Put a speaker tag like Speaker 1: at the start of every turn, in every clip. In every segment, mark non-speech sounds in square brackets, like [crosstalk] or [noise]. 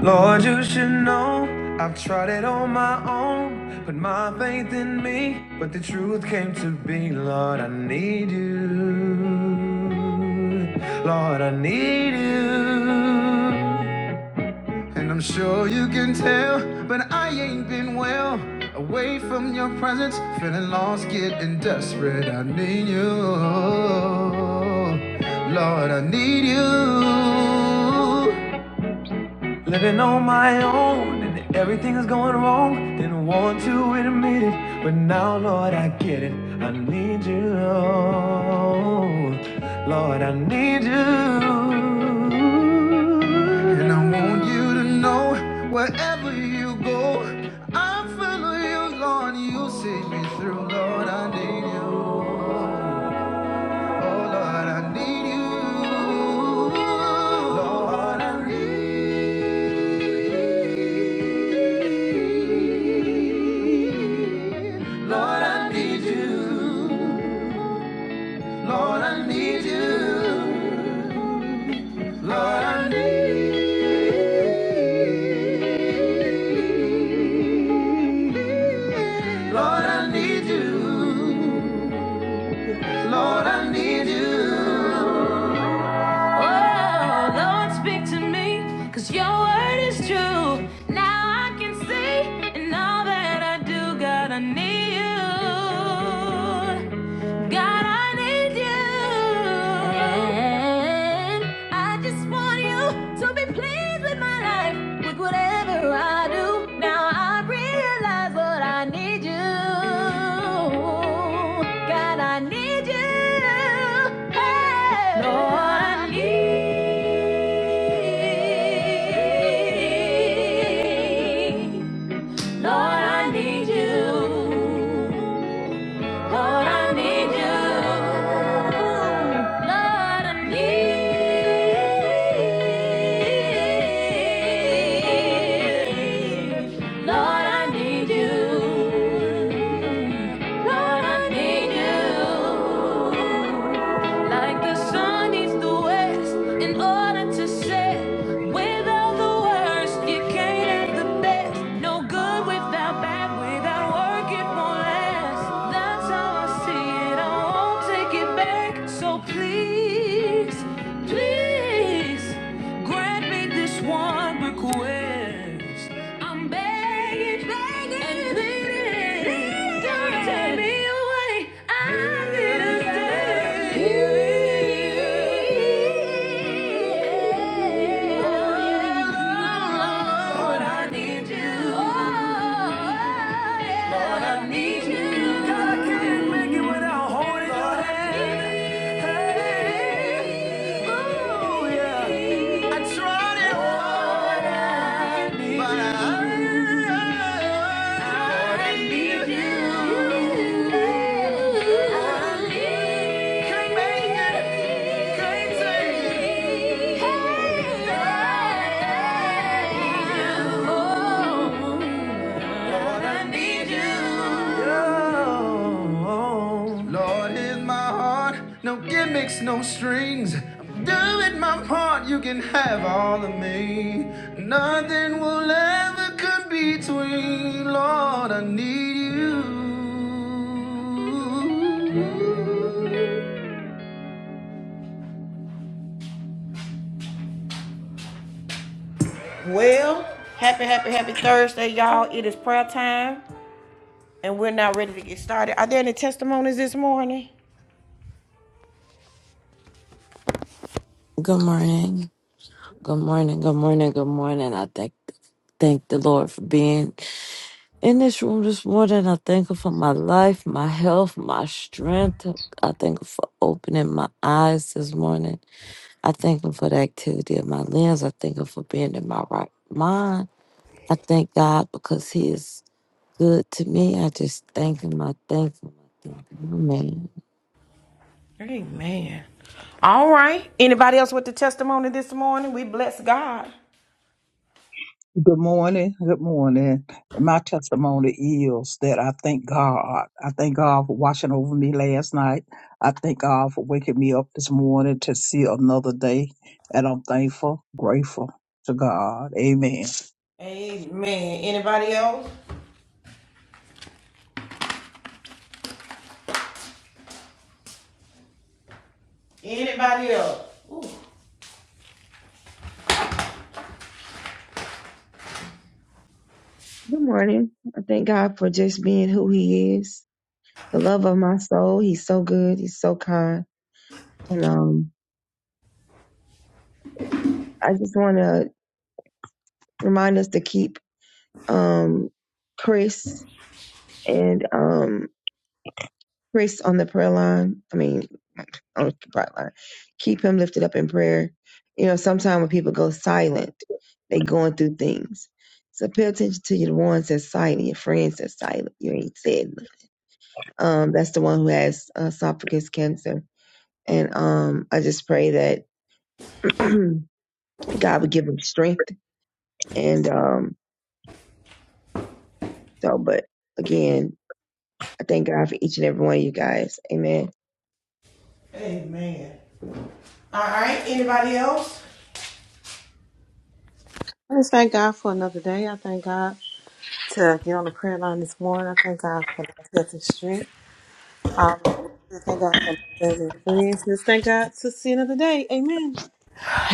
Speaker 1: Lord, you should know I've tried it on my own. Put my faith in me, but the truth came to be. Lord, I need you. Lord, I need you. And I'm sure you can tell, but I ain't been well. Away from your presence, feeling lost, getting desperate. I need you. Lord, I need you. Living on my own and everything is going wrong. Didn't want to admit it, but now, Lord, I get it. I need you. Lord, I need you. And I want you to know wherever you go, I follow you, Lord. You see me through, Lord. I need you. Oh, Lord, I need you. Lord, I need you. Lord, I need you. Lord, I need you. Lord, I need. Lord, I need you. Lord, I need you. Oh, Lord, speak to me, 'cause your word is true. Now I can see in all that I do, God, I need you. God, I need you. And I just want you to be pleased with my life, with whatever I do. Now I realize what I need you. God, I need you. Hey, Lord, I need. Lord, I need you. Lord, I need you. Lord, I need. Lord, I need you. Lord, I need you. Like the sun needs the west in order to set. Without the worst, you can't have the best. No good without bad, without work, it won't last. That's how I see it. I won't take it back. So please, please grant me this one request. I'm begging, begging, and pleading. Don't take me away. I need a stay. here. Oh, Lord, I need you. Lord, I need you. 'Cause I can't make it without holding your hand. Ooh yeah, I tried it. What I need, but I need you. I need you. I need you. Can't make. Lord, here's my heart. No gimmicks, no strings. I'm doing my part. You can have all of me. Nothing will ever come between. Lord, I need you. Well, happy, happy, happy Thursday, y'all. It is prayer time, and we're now ready to get started. Are there any testimonies this morning?
Speaker 2: Good morning. Good morning. Good morning. Good morning. I thank thank the Lord for being in this room this morning. I thank him for my life, my health, my strength. I thank him for opening my eyes this morning. I thank him for the activity of my limbs. I thank him for being in my right mind. I thank God because he is good to me. I just thank him. I thank him. I thank him. Amen.
Speaker 1: Amen. All right. Anybody else with the testimony this morning? We bless God.
Speaker 3: Good morning. Good morning. My testimony is that I thank God. I thank God for watching over me last night. I thank God for waking me up this morning to see another day. And I'm thankful, grateful to God. Amen.
Speaker 1: Amen. Anybody else? Anybody else? Ooh,
Speaker 4: Good morning. I thank God for just being who He is, the love of my soul. He's so good. He's so kind. And um, I just want to remind us to keep um, Chris and um, Chris on the prayer line. I mean, on the prayer line. Keep him lifted up in prayer. You know, sometimes when people go silent, they going through things. So pay attention to your ones that's silent, your friends that's silent. You ain't said. nothing. Um, that's the one who has uh, esophagus cancer And um, I just pray that [clears throat] God would give him strength. And um, so, but again, I thank God for each and every one of you guys. Amen.
Speaker 1: amen. All right. Anybody else?
Speaker 5: I just thank God for another day. I thank God to get on the prayer line this morning. I thank God for my health and strength. Um, I thank God for my family and friends. Just thank God to see another day. Amen.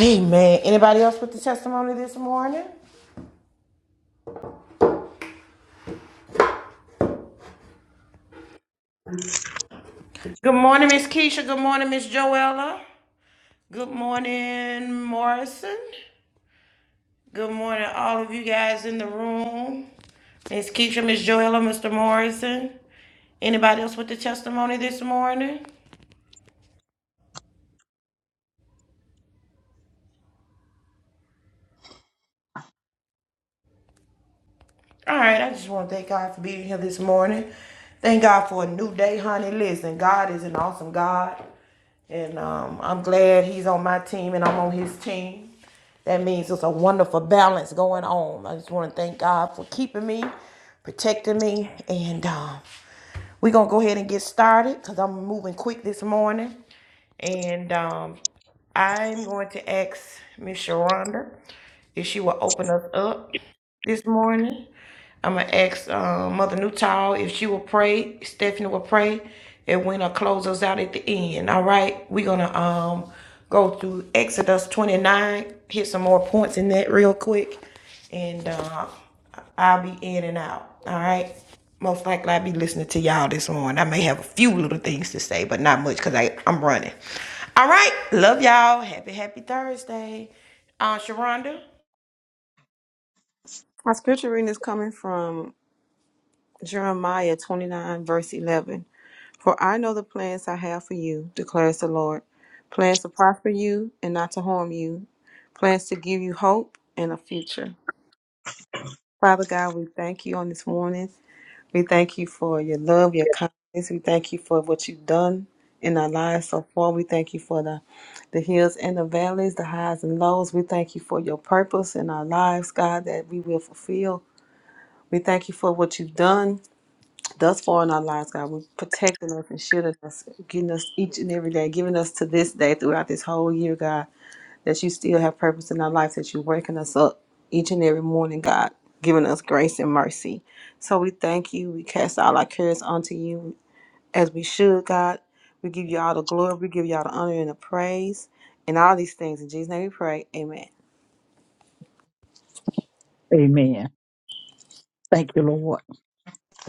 Speaker 1: Amen. Anybody else with the testimony this morning? Good morning, Miss Keisha. Good morning, Miss Joella. Good morning, Morrison. Good morning, all of you guys in the room. Miss Keisha, Miss Joella, Mr. Morrison. Anybody else with the testimony this morning? All right, I just want to thank God for being here this morning. Thank God for a new day, honey. Listen, God is an awesome God. And um, I'm glad he's on my team and I'm on his team. That means it's a wonderful balance going on. I just want to thank God for keeping me, protecting me, and um, we're going to go ahead and get started because I'm moving quick this morning. And um, I'm going to ask Miss Sharonda if she will open us up this morning. I'm gonna ask uh, Mother Newtall if she will pray. Stephanie will pray, and when I close us out at the end. All right, we're gonna um go through Exodus 29, hit some more points in that real quick, and uh, I'll be in and out. All right. Most likely I'll be listening to y'all this morning. I may have a few little things to say, but not much because I'm running. All right. Love y'all. Happy, happy Thursday. Uh, Sharonda.
Speaker 5: My scripture reading is coming from Jeremiah 29, verse 11. For I know the plans I have for you, declares the Lord. Plans to prosper you and not to harm you. Plans to give you hope and a future. Father God, we thank you on this morning. We thank you for your love, your kindness. We thank you for what you've done in our lives so far. We thank you for the, the hills and the valleys, the highs and lows. We thank you for your purpose in our lives, God, that we will fulfill. We thank you for what you've done thus far in our lives, God. We're protecting us and shielding us, getting us each and every day, giving us to this day throughout this whole year, God that you still have purpose in our life, that you're waking us up each and every morning, God, giving us grace and mercy. So we thank you. We cast all our cares onto you as we should, God. We give you all the glory. We give you all the honor and the praise and all these things. In Jesus' name we pray. Amen.
Speaker 3: Amen. Thank you, Lord.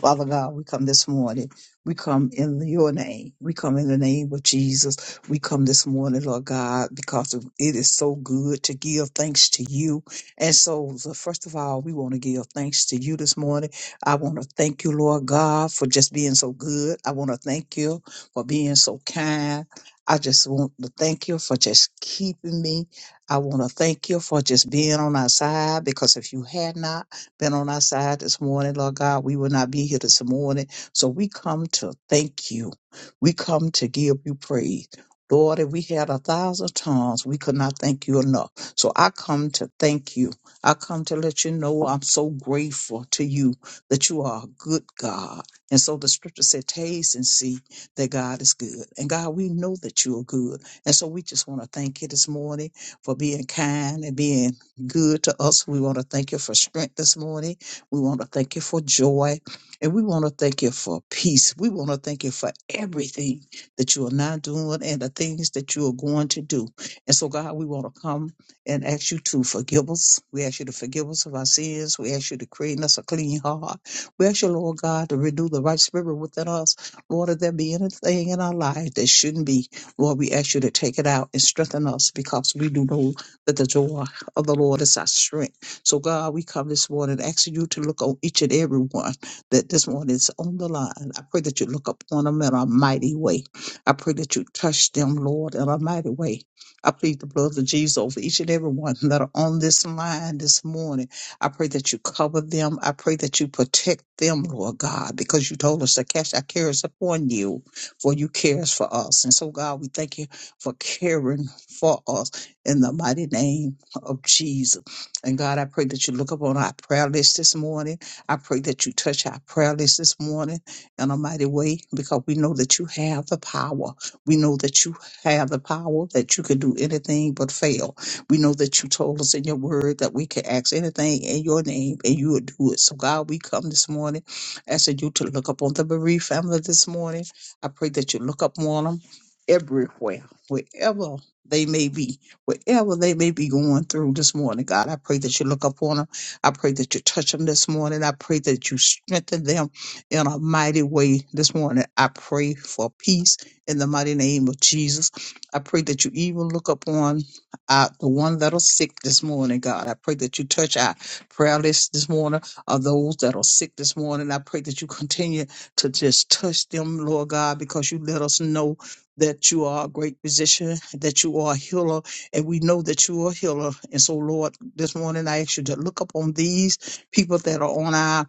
Speaker 3: Father God, we come this morning. We come in your name. We come in the name of Jesus. We come this morning, Lord God, because of- it is so good to give thanks to you. And so, so first of all, we want to give thanks to you this morning. I want to thank you, Lord God, for just being so good. I want to thank you for being so kind. I just want to thank you for just keeping me. I want to thank you for just being on our side because if you had not, been on our side this morning, Lord God. We will not be here this morning. So we come to thank you. We come to give you praise. Lord, if we had a thousand tongues, we could not thank you enough. So I come to thank you. I come to let you know I'm so grateful to you that you are a good God. And so the scripture said, taste and see that God is good. And God, we know that you are good. And so we just want to thank you this morning for being kind and being good to us. We want to thank you for strength this morning. We want to thank you for joy. And we want to thank you for peace. We want to thank you for everything that you are now doing and the things that you are going to do. And so, God, we want to come and ask you to forgive us. We ask you to forgive us of our sins. We ask you to create in us a clean heart. We ask you, Lord God, to renew the right spirit within us. Lord, if there be anything in our life that shouldn't be, Lord, we ask you to take it out and strengthen us because we do know that the joy of the Lord is our strength. So, God, we come this morning asking you to look on each and every one that this one is on the line. I pray that you look upon them in a mighty way. I pray that you touch them, Lord, in a mighty way. I plead the blood of Jesus over each and every one that are on this line this morning. I pray that you cover them. I pray that you protect them, Lord God, because you told us to cast our cares upon you, for you cares for us. And so, God, we thank you for caring for us in the mighty name of Jesus. And God, I pray that you look up on our prayer list this morning. I pray that you touch our prayer list this morning in a mighty way because we know that you have the power. We know that you have the power that you can do anything but fail. We know that you told us in your word that we can ask anything in your name and you will do it. So, God, we come this morning asking you to look up on the bereaved family this morning. I pray that you look up on them everywhere, wherever they may be whatever they may be going through this morning, God. I pray that you look upon them. I pray that you touch them this morning. I pray that you strengthen them in a mighty way this morning. I pray for peace in the mighty name of Jesus. I pray that you even look upon uh, the one that are sick this morning, God. I pray that you touch our prayer list this morning of those that are sick this morning. I pray that you continue to just touch them, Lord God, because you let us know that you are a great physician, that you are a healer, and we know that you are a healer. And so, Lord, this morning I ask you to look up on these people that are on our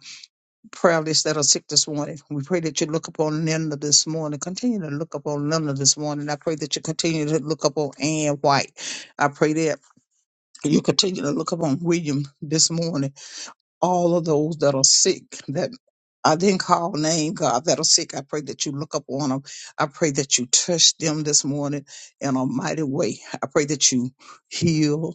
Speaker 3: prayer list that are sick this morning. We pray that you look upon Linda this morning. Continue to look upon Linda this morning. I pray that you continue to look upon Ann White. I pray that you continue to look upon William this morning all of those that are sick that I didn't call name, God, that are sick. I pray that you look up on them. I pray that you touch them this morning in a mighty way. I pray that you heal,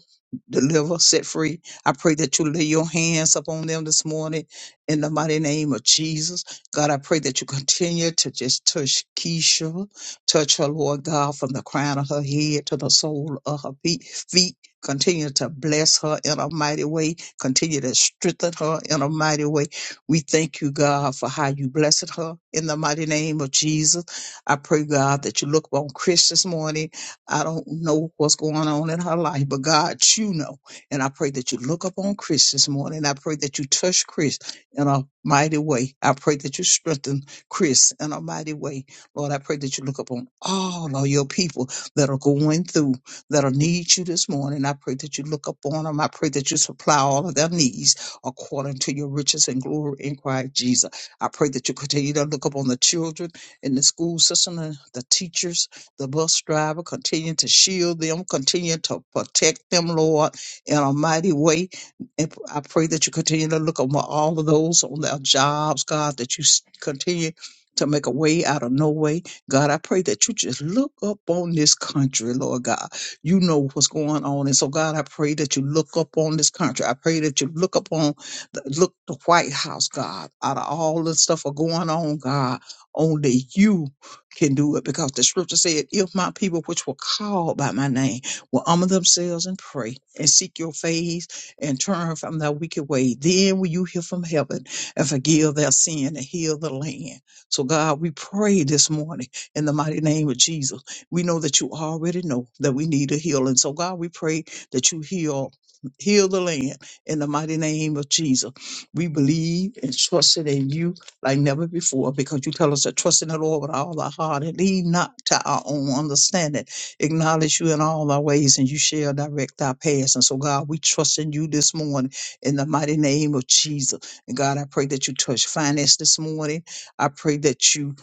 Speaker 3: deliver, set free. I pray that you lay your hands upon them this morning in the mighty name of Jesus. God, I pray that you continue to just touch Keisha, touch her, Lord God, from the crown of her head to the sole of her feet. feet. Continue to bless her in a mighty way Continue to strengthen her in a mighty way. We thank you, God, for how you blessed her in the mighty name of Jesus. I pray, God, that you look on Chris this morning. I don't know what's going on in her life, but God, you know. And I pray that you look up on Chris this morning. I pray that you touch Chris in a mighty way. I pray that you strengthen Chris in a mighty way. Lord, I pray that you look upon all of your people that are going through that'll need you this morning. I pray that you look up on them. I pray that you supply all of their needs according to your riches and glory in Christ Jesus. I pray that you continue to look up on the children in the school system, and the teachers, the bus driver, continue to shield them, continue to protect them, Lord, in a mighty way. And I pray that you continue to look upon all of those on their jobs, God, that you s- continue to make a way out of no way. God, I pray that you just look up on this country, Lord God. You know what's going on. And so, God, I pray that you look up on this country. I pray that you look up on the, look the White House, God, out of all the stuff are going on, God, only you can do it because the scripture said, if my people which were called by my name will humble themselves and pray and seek your face and turn from their wicked way, then will you hear from heaven and forgive their sin and heal the land. So God, we pray this morning in the mighty name of Jesus we know that you already know that we need a healing. So God, we pray that you heal, heal the land in the mighty name of Jesus. We believe and trust it in you like never before because you tell us to trust in the Lord with all our heart and lean not to our own understanding. Acknowledge you in all our ways and you shall direct our paths. And so God, we trust in you this morning in the mighty name of Jesus. And God, I pray that you touch finance this morning. I pray that you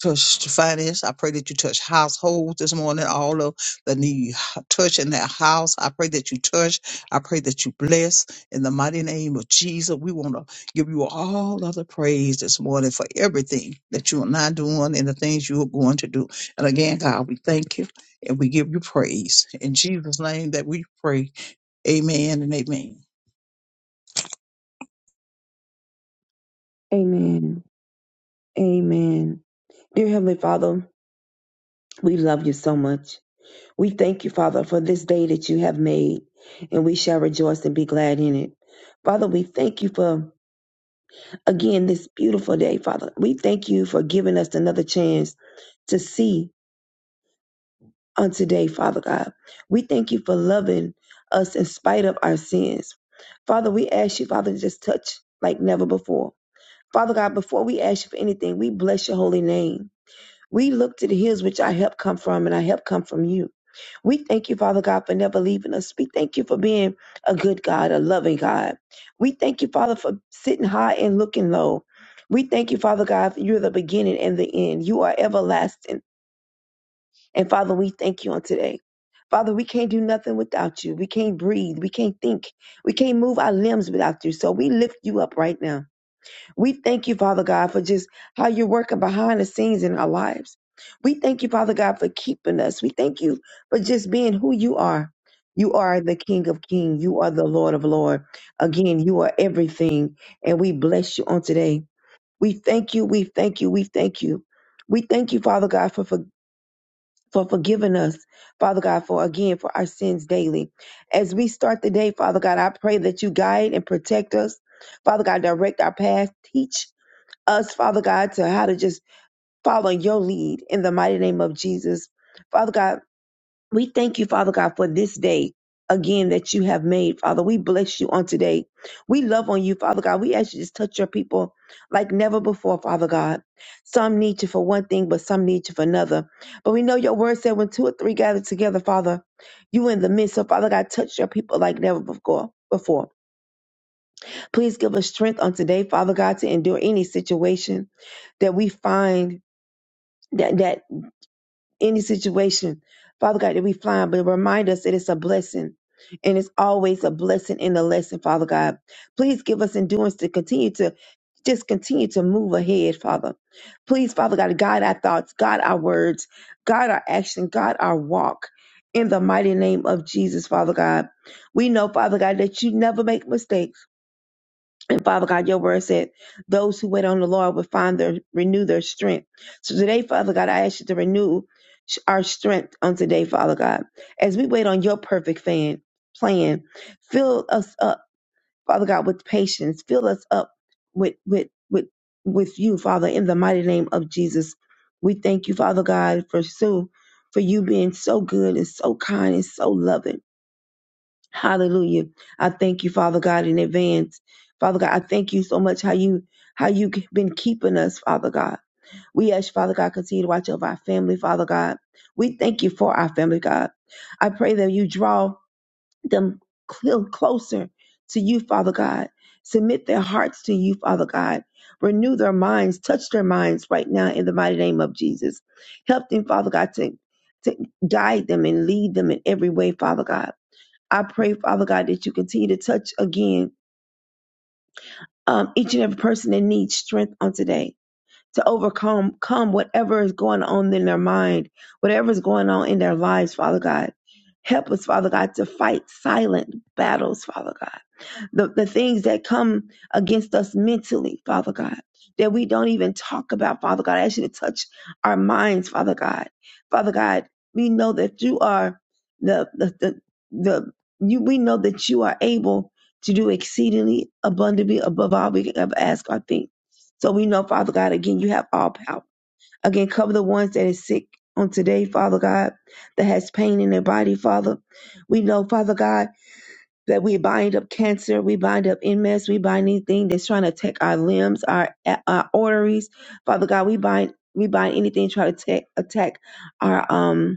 Speaker 3: touch the finance. I pray that you touch households this morning, all of the need touch in that house. I pray that you touch. I pray that you bless in the mighty name of Jesus. We want to give you all of the praise this morning for everything that you are not doing and the things you are going to do. And again, God, we thank you and we give you praise. In Jesus' name that we pray. Amen and amen.
Speaker 4: Amen. Amen. Dear Heavenly Father, we love you so much. We thank you, Father, for this day that you have made, and we shall rejoice and be glad in it. Father, we thank you for, again, this beautiful day, Father. We thank you for giving us another chance to see. on today, Father God. We thank you for loving us in spite of our sins. Father, we ask you, Father, to just touch like never before. Father God, before we ask you for anything, we bless your holy name. We look to the hills which our help come from, and our help come from you. We thank you, Father God, for never leaving us. We thank you for being a good God, a loving God. We thank you, Father, for sitting high and looking low. We thank you, Father God, for you're the beginning and the end. You are everlasting. And Father, we thank you on today. Father, we can't do nothing without you. We can't breathe. We can't think. We can't move our limbs without you. So we lift you up right now. We thank you, Father God, for just how you're working behind the scenes in our lives. We thank you, Father God, for keeping us. We thank you for just being who you are. You are the King of Kings. You are the Lord of Lord. Again, you are everything. And we bless you on today. We thank you. We thank you. We thank you. We thank you, Father God, for forgiveness for forgiving us, Father God, for again, for our sins daily. As we start the day, Father God, I pray that you guide and protect us. Father God, direct our path. Teach us, Father God, to how to just follow your lead in the mighty name of Jesus. Father God, we thank you, Father God, for this day again that you have made, Father. We bless you on today. We love on you, Father God. We ask you to just touch your people like never before, Father God. Some need you for one thing, but some need you for another. But we know your word said when two or three gather together, Father, you in the midst. So, Father God, touch your people like never before. Before, please give us strength on today, Father God, to endure any situation that we find that that any situation, Father God, that we find, but remind us that it's a blessing. And it's always a blessing in the lesson, Father God. Please give us endurance to continue to just continue to move ahead, Father. Please, Father God, guide our thoughts, guide our words, guide our action, guide our walk. In the mighty name of Jesus, Father God. We know, Father God, that you never make mistakes and Father God, your word said, those who wait on the Lord will find their, renew their strength. So today, Father God, I ask you to renew sh- our strength on today, Father God. As we wait on your perfect fan, plan, fill us up, Father God, with patience. Fill us up with, with, with, with you, Father, in the mighty name of Jesus. We thank you, Father God, for so, for you being so good and so kind and so loving. Hallelujah. I thank you, Father God, in advance. Father God, I thank you so much how you how you've been keeping us, Father God. We ask, Father God, continue to watch over our family, Father God. We thank you for our family, God. I pray that you draw them cl- closer to you, Father God. Submit their hearts to you, Father God. Renew their minds, touch their minds right now in the mighty name of Jesus. Help them, Father God, to, to guide them and lead them in every way, Father God. I pray, Father God, that you continue to touch again um, each and every person that needs strength on today to overcome come whatever is going on in their mind, whatever is going on in their lives, Father God. Help us, Father God, to fight silent battles, Father God the, the things that come against us mentally, Father God, that we don't even talk about, Father God. I ask you to touch our minds, Father God. Father God, we know that you are the the the, the you we know that you are able to do exceedingly abundantly above all we can ever ask or think. So we know, Father God, again, you have all power. Again, cover the ones that is sick on today, Father God, that has pain in their body, Father. We know, Father God that we bind up cancer, we bind up MS, we bind anything that's trying to attack our limbs, our, our arteries. Father God, we bind we bind anything trying to attack attack our um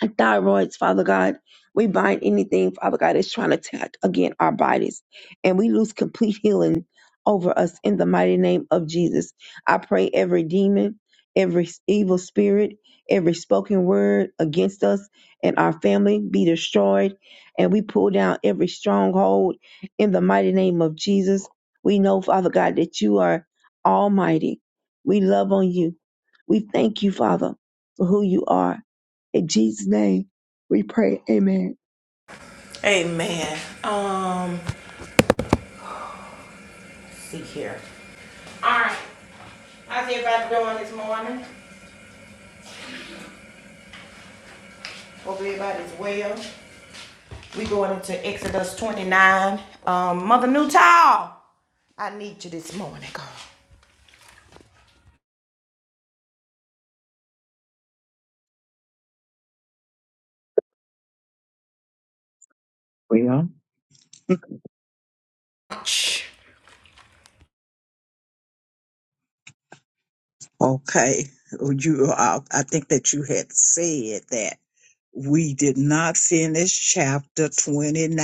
Speaker 4: and thyroids, Father God. We bind anything, Father God, that's trying to attack again our bodies. And we lose complete healing over us in the mighty name of Jesus. I pray every demon, every evil spirit, every spoken word against us and our family be destroyed. And we pull down every stronghold in the mighty name of Jesus. We know, Father God, that you are almighty. We love on you. We thank you, Father, for who you are. In Jesus' name, we pray. Amen.
Speaker 1: Amen. Um, see here. All right. How's everybody doing this morning? Hope everybody's well. We going into Exodus 29. Um, Mother Newtall, I need you this morning, girl.
Speaker 3: Well,
Speaker 1: Shh.
Speaker 3: Okay. You, uh, I think that you had said that. we did not finish chapter 29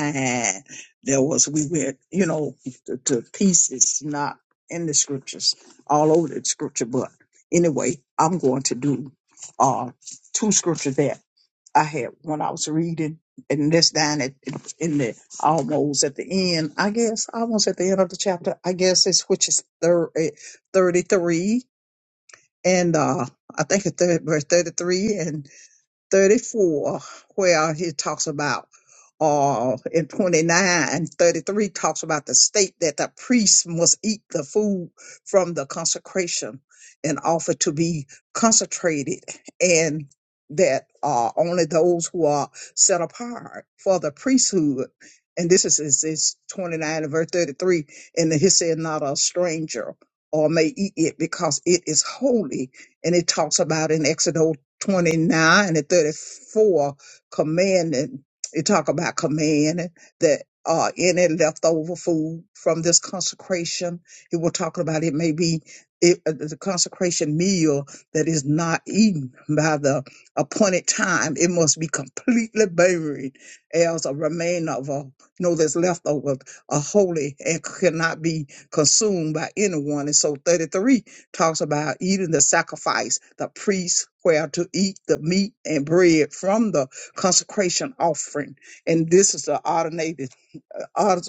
Speaker 3: there was we went you know to, to pieces not in the scriptures all over the scripture but anyway i'm going to do uh two scriptures that i had when i was reading and this down at in the almost at the end i guess almost at the end of the chapter i guess it's which is thir- eh, 33 and uh i think it's thir- verse 33 and 34 where he talks about uh in 29 33 talks about the state that the priest must eat the food from the consecration and offer to be consecrated and that uh only those who are set apart for the priesthood and this is is, is 29 and verse 33 and he said not a stranger or may eat it because it is holy and it talks about in Exodus 29 and 34 commanding it talk about commanding that uh any leftover food from this consecration it will talk about it may be it, uh, the consecration meal that is not eaten by the appointed time it must be completely buried as a remainder of a you know that's left over a holy and cannot be consumed by anyone and so 33 talks about even the sacrifice, the priest where to eat the meat and bread from the consecration offering. And this is the ordinated ord-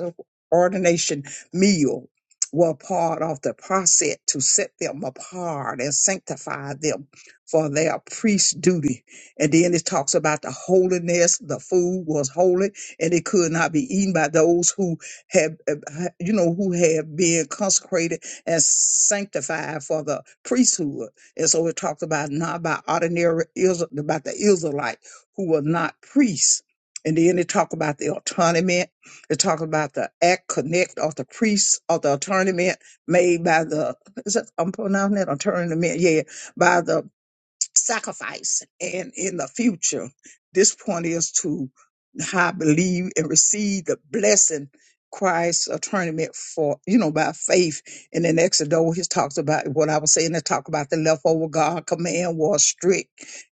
Speaker 3: ordination meal were part of the process to set them apart and sanctify them for their priest duty. And then it talks about the holiness. The food was holy and it could not be eaten by those who had, uh, ha- you know, who had been consecrated as sanctified for the priesthood. And so it talks about not by ordinary Israel, about the Israelite who were not priests. And then it talk about the autonomy. It talk about the act connect of the priests of the autonomy made by the is that I'm pronouncing that autonomy? Yeah, by the sacrifice and in the future. This point is to I believe and receive the blessing Christ's atonement for, you know, by faith. And then Exodus, he talks about what I was saying, they talk about the leftover God command was strict.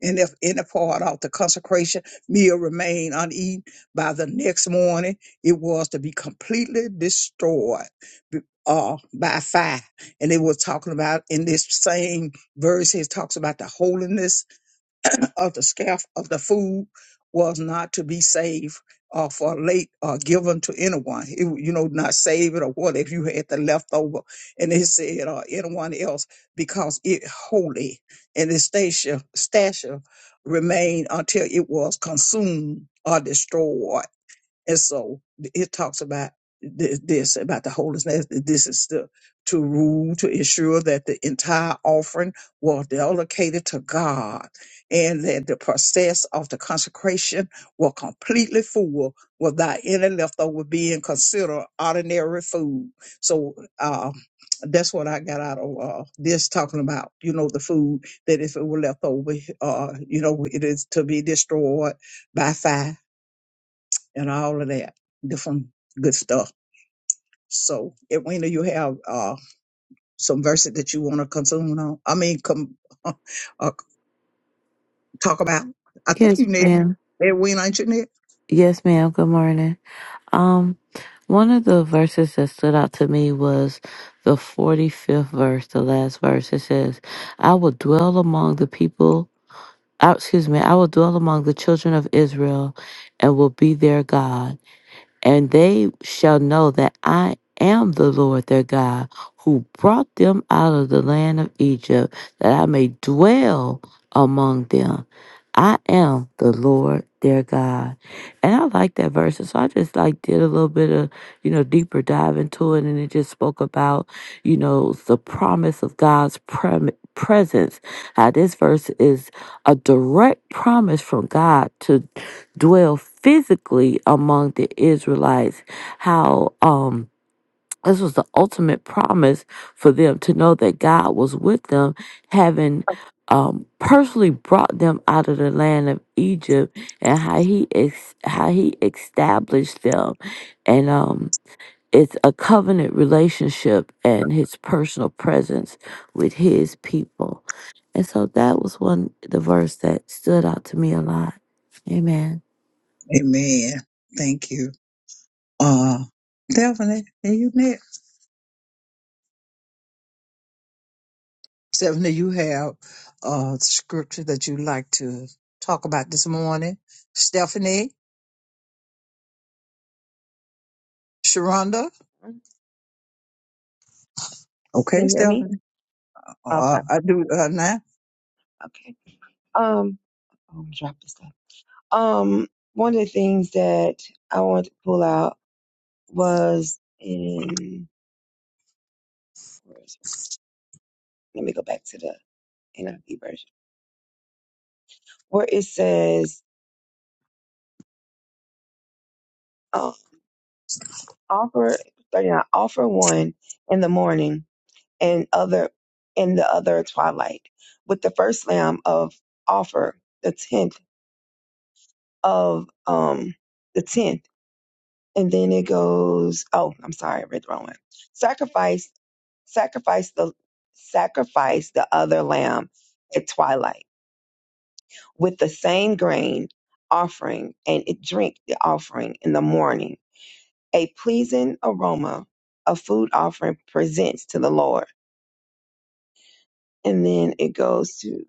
Speaker 3: And if any part of the consecration meal remained uneaten by the next morning, it was to be completely destroyed b- uh, by fire. And they were talking about in this same verse here talks about the holiness of the scaff of the food was not to be saved or for late or given to anyone. It, you know, not save it or what if you had the leftover and it said or anyone else because it holy and the station stasher remained until it was consumed or destroyed. And so it talks about th- this, about the holiness. This is the, to rule, to ensure that the entire offering was dedicated to God and that the process of the consecration was completely full without any leftover being considered ordinary food. So, um, that's what I got out of uh, this talking about, you know, the food that if it were left over, uh, you know, it is to be destroyed by fire and all of that different good stuff. So, Edwina, you have uh, some verses that you want to consume on? I mean, come [laughs] uh, talk about. I think
Speaker 2: Yes,
Speaker 3: you need
Speaker 2: ma'am.
Speaker 3: Edwina, ain't you need?
Speaker 2: Yes, ma'am. Good morning. Um, one of the verses that stood out to me was the 45th verse, the last verse. It says, I will dwell among the people, uh, excuse me, I will dwell among the children of Israel and will be their God and they shall know that I am the Lord their God who brought them out of the land of Egypt, that I may dwell among them. I am the Lord their God. And I like that verse. and So I just like did a little bit of, you know, deeper dive into it. And it just spoke about, you know, the promise of God's prem presence. How this verse is a direct promise from God to dwell physically among the Israelites. How um this was the ultimate promise for them to know that God was with them, having um, personally brought them out of the land of Egypt, and how he ex- how he established them, and um, it's a covenant relationship and his personal presence with his people, and so that was one the verse that stood out to me a lot. Amen.
Speaker 3: Amen. Thank you. Uh, Stephanie, are you next? Stephanie, you have a scripture that you'd like to talk about this morning. Stephanie, Sharonda.
Speaker 4: Can you
Speaker 3: Okay,
Speaker 4: hear me?
Speaker 3: Stephanie.
Speaker 4: Okay.
Speaker 3: Uh, I do uh, now.
Speaker 4: Okay. Um, oh, I dropped this stuff. Um, one of the things that I wanted to pull out was in, where is it? let me go back to the NIV version where it says, uh, offer, 39, offer one in the morning and other in the other twilight with the first lamb of offer, the tenth of, um, the tenth. And then it goes, oh, I'm sorry, I read the wrong one. Sacrifice, sacrifice the sacrifice the other lamb at twilight with the same grain offering and it drink the offering in the morning. A pleasing aroma of food offering presents to the Lord. And then it goes to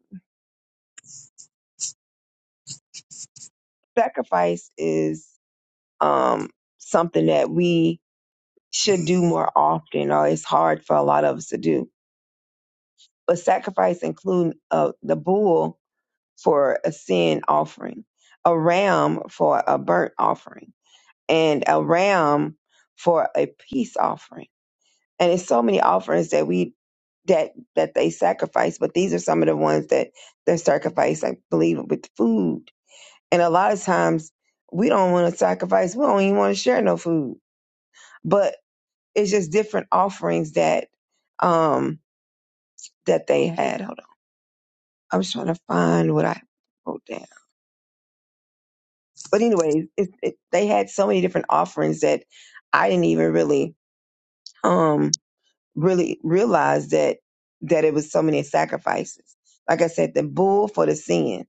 Speaker 4: sacrifice is um something that we should do more often or it's hard for a lot of us to do. But sacrifice include uh, the bull for a sin offering, a ram for a burnt offering, and a ram for a peace offering. And it's so many offerings that we that that they sacrifice, but these are some of the ones that they sacrifice, I believe, with food. And a lot of times we don't want to sacrifice, we don't even want to share no food. But it's just different offerings that um that they had. Hold on. I'm just trying to find what I wrote down. but anyway, it, it, they had so many different offerings that I didn't even really, um, really realize that that it was so many sacrifices. Like I said, the bull for the sin.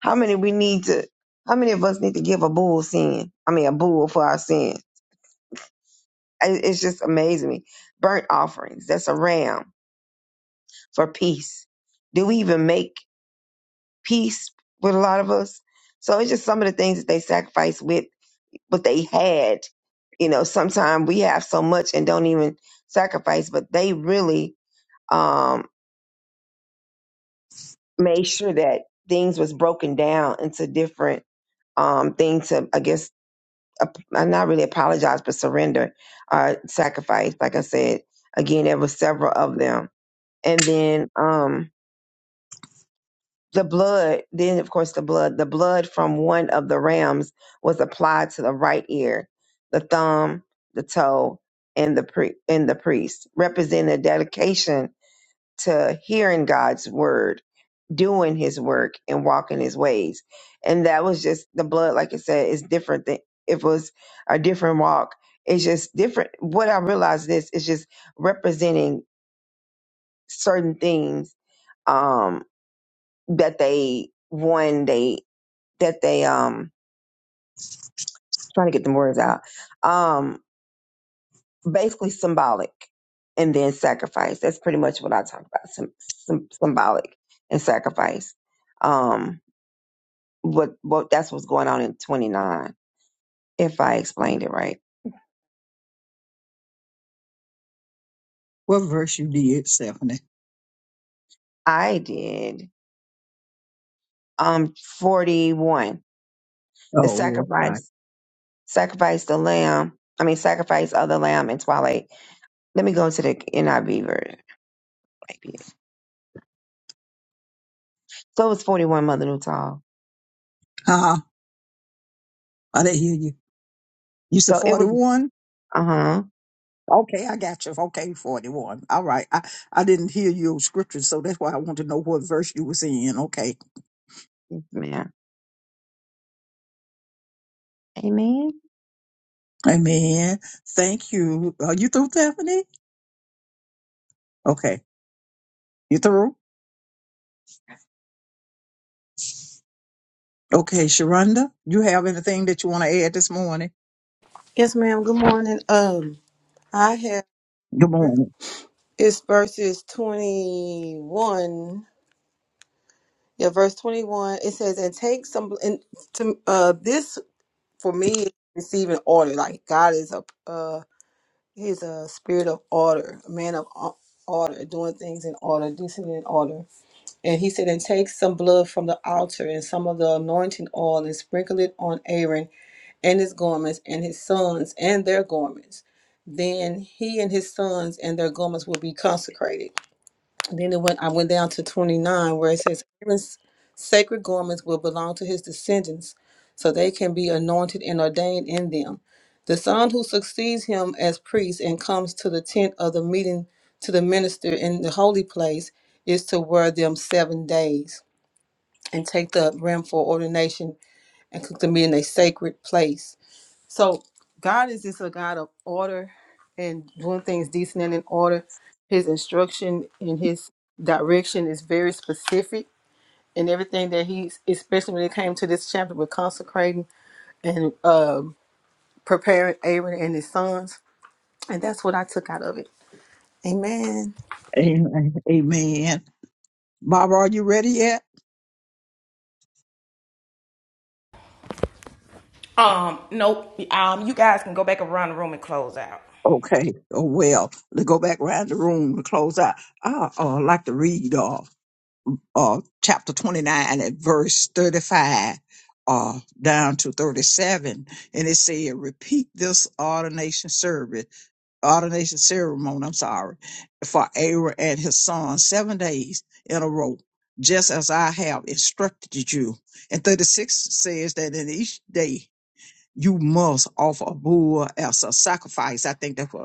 Speaker 4: How many we need to? How many of us need to give a bull sin? I mean, a bull for our sin. It- It's just amazing me. Burnt offerings. That's a ram for peace. Do we even make peace with a lot of us? So it's just some of the things that they sacrifice with what they had. You know, sometimes we have so much and don't even sacrifice, but they really um, made sure that things was broken down into different um, things to, I guess, ap- uh, not really apologize, but surrender, uh, sacrifice. Like I said, again, there were several of them. And then, um, the blood, then of course the blood, the blood from one of the rams was applied to the right ear, the thumb, the toe, and the pri- and the priest, representing a dedication to hearing God's word, doing His work, and walking His ways. And that was just the blood, like I said, is different than if it was a different walk. It's just different. What I realized this is just representing certain things um, that they one day that they um trying to get the words out. Um, basically symbolic and then sacrifice. That's pretty much what I talk about. Some, some symbolic and sacrifice. Um, what what that's what's going on in 29. If I explained it right,
Speaker 3: What verse you did, Stephanie?
Speaker 4: I did. Um, 41. The
Speaker 3: Oh, okay.
Speaker 4: sacrifice, sacrifice the lamb. I mean, sacrifice of the lamb in twilight. Let me go to the NIV version. Maybe. So it was 41 Mother Newtall.
Speaker 3: Huh? I didn't hear you. You said
Speaker 4: So it was,
Speaker 3: 41?
Speaker 4: uh huh,
Speaker 3: Okay, I got you. Okay, 41. All right. I, I didn't hear your scripture, so that's why I want to know what verse you was in. Okay.
Speaker 4: man. Amen.
Speaker 3: Amen. Thank you. Are you through, Stephanie? Okay. You through? Okay, Sharonda, you have anything that you want to add this morning?
Speaker 5: Yes, ma'am. Good morning. Um, I have
Speaker 3: Good morning.
Speaker 5: it's verses twenty one. Yeah, verse twenty one. It says, "And take some." And to, uh, this for me is receiving order. Like God is a uh He's a spirit of order, a man of o- order, doing things in order, decent in order. And he said, and take some blood from the altar and some of the anointing oil and sprinkle it on Aaron and his garments and his sons and their garments. Then he and his sons and their garments will be consecrated. Then it went. I went down to twenty nine, where it says Aaron's sacred garments will belong to his descendants, so they can be anointed and ordained in them. The son who succeeds him as priest and comes to the tent of the meeting to the minister in the holy place is to wear them seven days and take the rim for ordination and cook the meat in a sacred place. So God is just a God of order and doing things decent and in order. His instruction and his direction is very specific and everything that he's especially when it came to this chapter with consecrating and um preparing Aaron and his sons. And that's what I took out of it. Amen.
Speaker 3: Amen. Amen. Barbara, are you ready yet?
Speaker 1: Um, nope. Um, you guys can go back around the room and close out.
Speaker 3: Okay. Oh well, let's go back around the room to close out. I uh, like to read uh, uh chapter twenty nine at verse thirty five. Uh, down to 37, and it said, Repeat this ordination service ordination ceremony, I'm sorry, for Aaron and his son seven days in a row, just as I have instructed you. And 36 says that in each day you must offer a bull as a sacrifice. I think that's what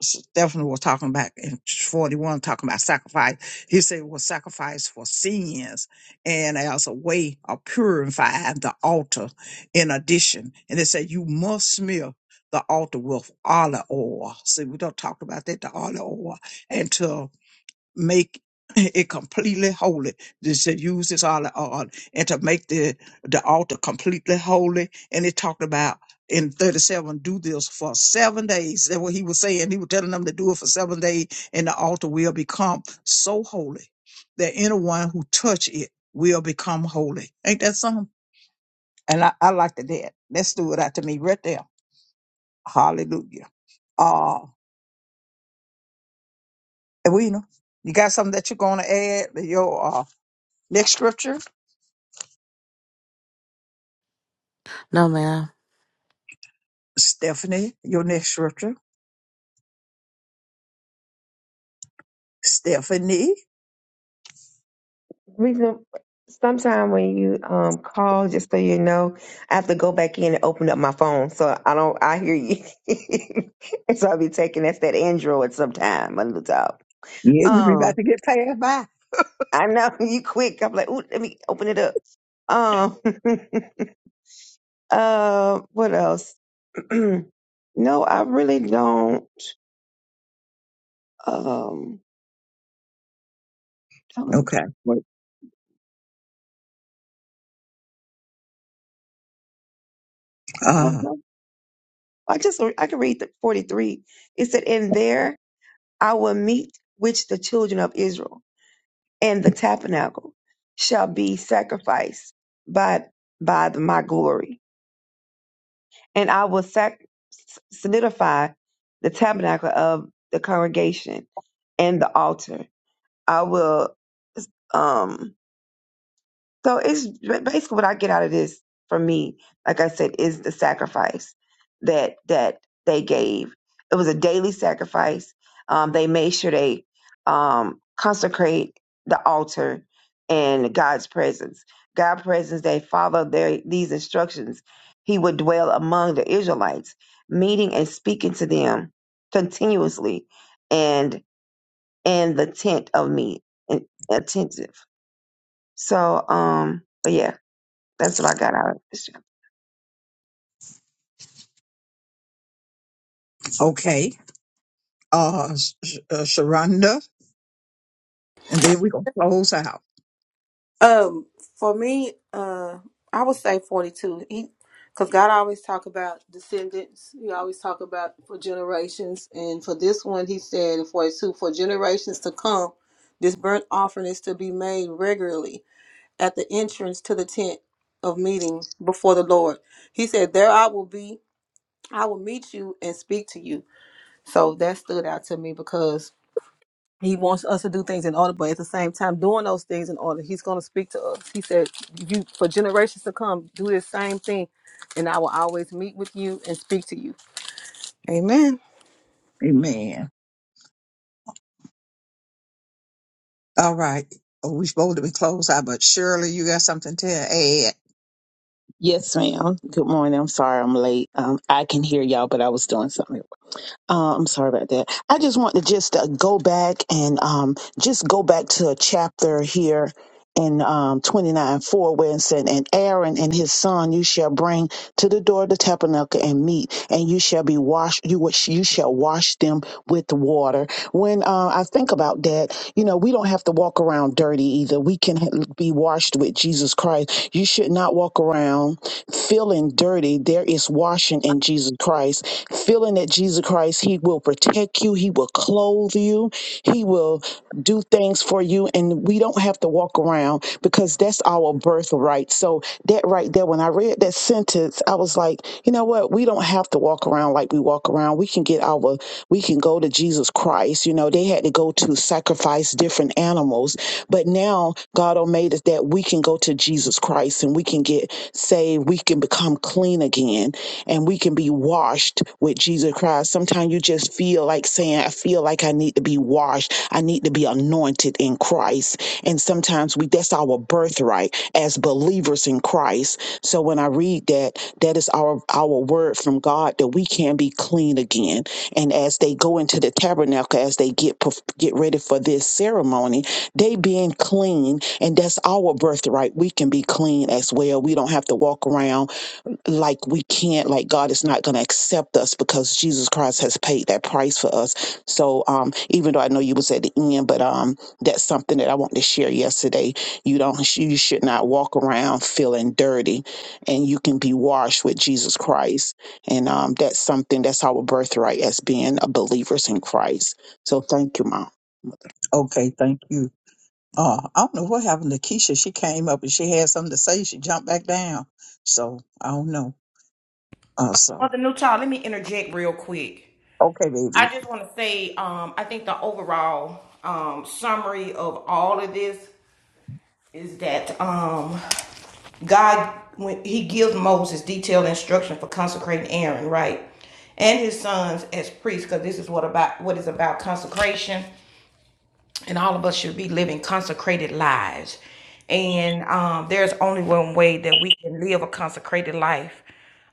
Speaker 3: Stephen was talking about in 41, talking about sacrifice. He said, well, sacrifice for sins and as a way of purifying the altar in addition. And they said, you must smear the altar with olive oil. See, we don't talk about that, the olive oil, make [laughs] it completely holy. This said use this olive oil and to make the the altar completely holy. And it talked about in 37, do this for seven days. That's what he was saying. He was telling them to do it for seven days, and the altar will become so holy that anyone who touch it will become holy. Ain't that something? And I, I like that. That stood out to me right there. Hallelujah. Uh, Edwina, you got something that you're going to add? Your uh, next scripture?
Speaker 2: No, ma'am.
Speaker 3: Stephanie, your next scripture. Stephanie.
Speaker 4: Reason sometimes when you um call, just so you know, I have to go back in and open up my phone, so I don't. I hear you, [laughs] and so I'll be taking that's that Android sometime, my little dog.
Speaker 3: Yeah, you be about
Speaker 4: Um,
Speaker 3: to get passed by.
Speaker 4: I know [laughs] you quick. I'm like, ooh, let me open it up. Um, [laughs] uh, what else? [clears throat] no, I really don't. Um, that was
Speaker 3: Okay.
Speaker 4: what. Um,
Speaker 3: Uh
Speaker 4: I just I can read the 43. It said in there. Our meat, which the children of Israel and the tabernacle shall be sacrificed by by the, my glory, and I will sac- solidify the tabernacle of the congregation and the altar. I will um So it's basically what I get out of this for me, like I said, is the sacrifice that that they gave. It was a daily sacrifice. Um, they made sure they um, consecrate the altar and God's presence. God's presence. They followed their these instructions. He would dwell among the Israelites, meeting and speaking to them continuously, and in the tent of meat and attentive. So, um, but yeah that's what I got out of it.
Speaker 3: okay. Uh, Sh- uh Sharonda. And then we're gonna close out.
Speaker 5: Um, for me, uh, I would say forty-two. He, because God always talk about descendants. He always talk about for generations, and for this one, He said in forty-two for generations to come, this burnt offering is to be made regularly at the entrance to the tent of meeting before the Lord. He said, "There I will be. I will meet you and speak to you." So that stood out to me because he wants us to do things in order, but at the same time, doing those things in order, he's going to speak to us. He said, "You for generations to come, do this same thing, and I will always meet with you and speak to you." Amen.
Speaker 3: Amen. All right. Oh, we supposed to be closed out, but surely you got something to add.
Speaker 6: Yes, ma'am. Good morning. I'm sorry I'm late. Um, I can hear y'all, but I was doing something. Uh, I'm sorry about that. I just want to just uh, go back and um, just go back to a chapter here in um, 29 4 where it said, And Aaron and his son you shall bring to the door of the tabernacle and meet, and you shall be washed, you, wa- you shall wash them with water. When uh, I think about that, you know, we don't have to walk around dirty either. We can be washed with Jesus Christ. You should not walk around. Feeling dirty, there is washing in Jesus Christ. Feeling that Jesus Christ, He will protect you, He will clothe you, He will do things for you. And we don't have to walk around because that's our birthright. So, that right there, when I read that sentence, I was like, you know what? We don't have to walk around like we walk around. We can get our, we can go to Jesus Christ. You know, they had to go to sacrifice different animals. But now God made it that we can go to Jesus Christ and we can get say we can become clean again and we can be washed with Jesus Christ. Sometimes you just feel like saying, I feel like I need to be washed. I need to be anointed in Christ. And sometimes we that's our birthright as believers in Christ. So when I read that, that is our our word from God that we can be clean again. And as they go into the tabernacle, as they get perf- get ready for this ceremony, they being clean and that's our birthright. We can be clean as well. We don't have to walk around like we can't, like God is not going to accept us because Jesus Christ has paid that price for us. So um, even though I know you was at the end, but um, that's something that I wanted to share yesterday. You don't, you should not walk around feeling dirty, and you can be washed with Jesus Christ. And um, that's something that's our birthright as being a believers in Christ. So thank you, Mom.
Speaker 3: Okay, thank you. Uh, I don't know what happened to Keisha. She came up and she had something to say. She jumped back down. So I don't know. Uh, so
Speaker 1: Mother Newtall, let me interject real quick.
Speaker 3: okay, baby.
Speaker 1: I just want to say, um, I think the overall um, summary of all of this is that um, God, when he gives Moses detailed instruction for consecrating Aaron, right? And his sons as priests, because this is what about what is about consecration, and all of us should be living consecrated lives. And um, there's only one way that we can live a consecrated life,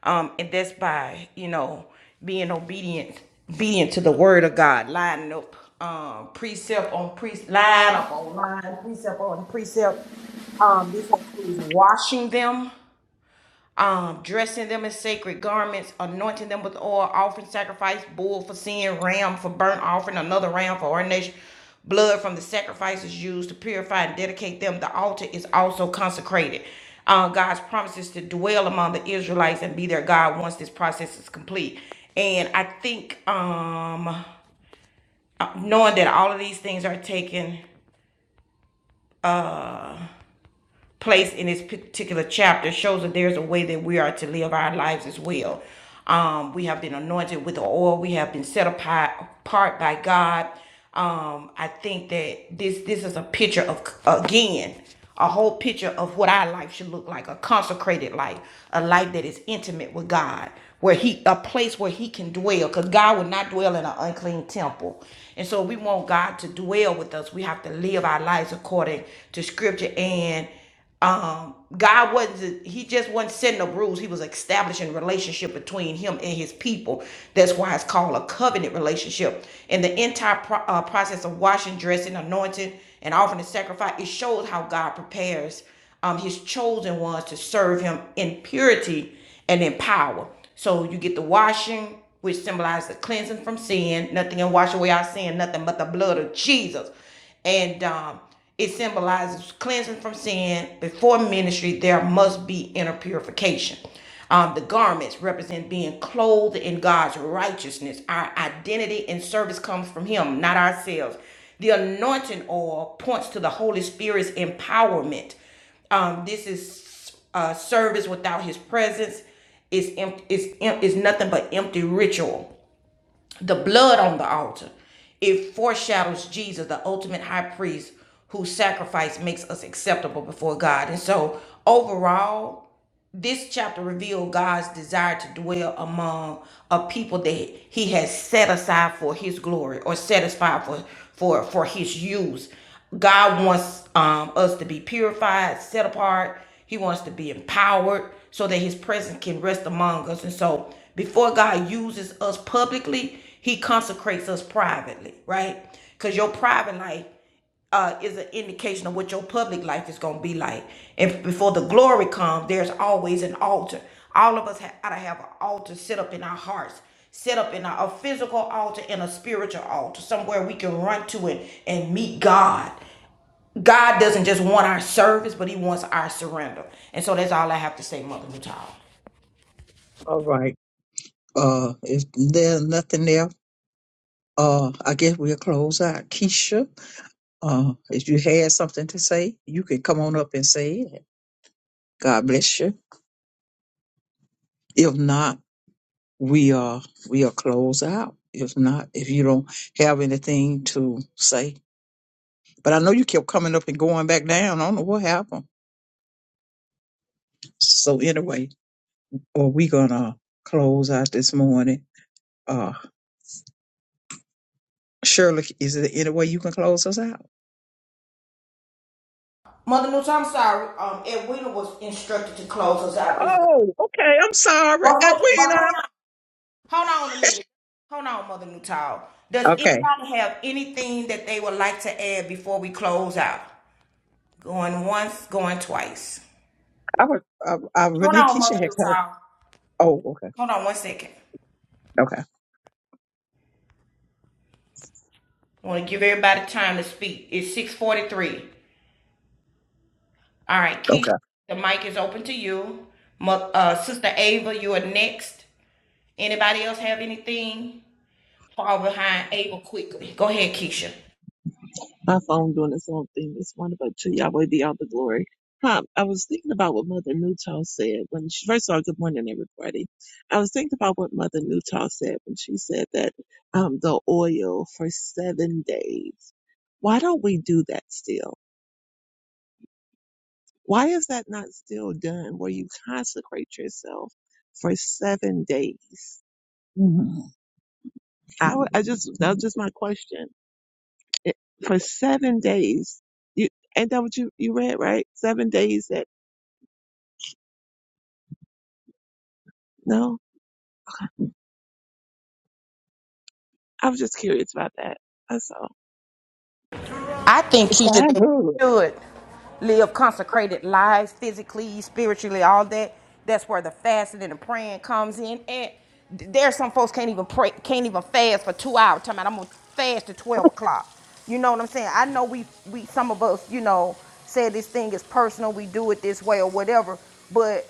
Speaker 1: um, and that's by you know being obedient, obedient to the word of God, lining up um, precept on precept, line up on line, precept on precept. Um, this includes washing them um, dressing them in sacred garments, anointing them with oil, offering sacrifice, bull for sin, ram for burnt offering, another ram for ordination. Blood from the sacrifices used to purify and dedicate them. The altar is also consecrated. Uh, God's promises to dwell among the Israelites and be their God once this process is complete. And I think um, uh, knowing that all of these things are taken place in this particular chapter shows that there's a way that we are to live our lives as well. Um, we have been anointed with the oil. We have been set apart by God. Um, I think that this this is a picture of again a whole picture of what our life should look like a consecrated life a life that is intimate with god where he a place where he can dwell because god will not dwell in an unclean temple and so we want god to dwell with us we have to live our lives according to scripture and um god wasn't he just wasn't setting a rules he was establishing a relationship between him and his people that's why it's called a covenant relationship and the entire pro- uh, process of washing dressing anointing and offering the sacrifice it shows how god prepares um his chosen ones to serve him in purity and in power so you get the washing which symbolizes the cleansing from sin nothing can wash away our sin nothing but the blood of jesus and um, it symbolizes cleansing from sin. Before ministry, there must be inner purification. Um, the garments represent being clothed in God's righteousness. Our identity and service comes from Him, not ourselves. The anointing oil points to the Holy Spirit's empowerment. Um, this is uh, service without His presence is em- is em- is nothing but empty ritual the blood on the altar it foreshadows jesus the ultimate high priest whose sacrifice makes us acceptable before god and so overall this chapter revealed God's desire to dwell among a people that he has set aside for his glory or set aside for for for his use. God wants um, us to be purified, set apart. He wants to be empowered so that his presence can rest among us. And so before God uses us publicly, he consecrates us privately, right? Because your private life uh, is an indication of what your public life is going to be like. And before the glory comes, there's always an altar. All of us ha- ought to have an altar set up in our hearts, set up in our, a physical altar and a spiritual altar, somewhere we can run to it and meet God. God doesn't just want our service, but He wants our surrender. And so that's all I have to say, Mother Nuttall.
Speaker 3: All right. Uh, if there's nothing there, uh, I guess we'll close out. Keisha, uh, if you had something to say, you can come on up and say it. God bless you. If not, we are we are close out. If not, if you don't have anything to say, but I know you kept coming up and going back down. I don't know what happened. So anyway. or we're gonna close out this morning. Uh, Shirley, is there any way you can close us out?
Speaker 1: Mother Nuttall, I'm sorry. Um, Edwina was instructed to close us out this morning.
Speaker 3: Oh, okay. I'm sorry,
Speaker 1: But hold, but
Speaker 3: Edwina.
Speaker 1: hold on. Hold on a minute. Hold on, Mother Nutal. Does
Speaker 3: Okay,
Speaker 1: anybody have anything that they would like to add before we close out? Going once, going twice.
Speaker 3: I was, I, I
Speaker 1: Hold
Speaker 3: Renee
Speaker 1: on,
Speaker 3: Keisha
Speaker 1: Mother
Speaker 3: had. come.
Speaker 1: Nutal.
Speaker 3: Oh, okay,
Speaker 1: Hold on one second.
Speaker 3: okay,
Speaker 1: I want to give everybody time to speak. It's 643. All right, Keisha,
Speaker 3: okay.
Speaker 1: the mic is open to you. Mo- uh, Sister Ava, you are next. Anybody else have anything? Fall behind Ava quickly. Go ahead, Keisha.
Speaker 7: My phone doing its own thing this morning, but to Yahweh be all the glory. Huh, I was thinking about what Mother Newtall said when she first of all, good morning everybody. I was thinking about what Mother Newtall said when she said that um the oil for seven days. Why don't we do that still? Why is that not still done where you consecrate yourself for seven days?
Speaker 3: Mhm.
Speaker 7: I, would- I just that's just my question. It, for seven days, you ain't that what you, you read, right? Seven days that No, I was just curious about that. That's all.
Speaker 3: It's not good.
Speaker 1: Keisha. live consecrated lives physically, spiritually, all that. That's where the fasting and the praying comes in. And th- there some folks can't even pray, can't even fast for two hours. Talking about I'm gonna fast to twelve o'clock. You know what I'm saying? I know we we some of us, you know, say this thing is personal, we do it this way or whatever, but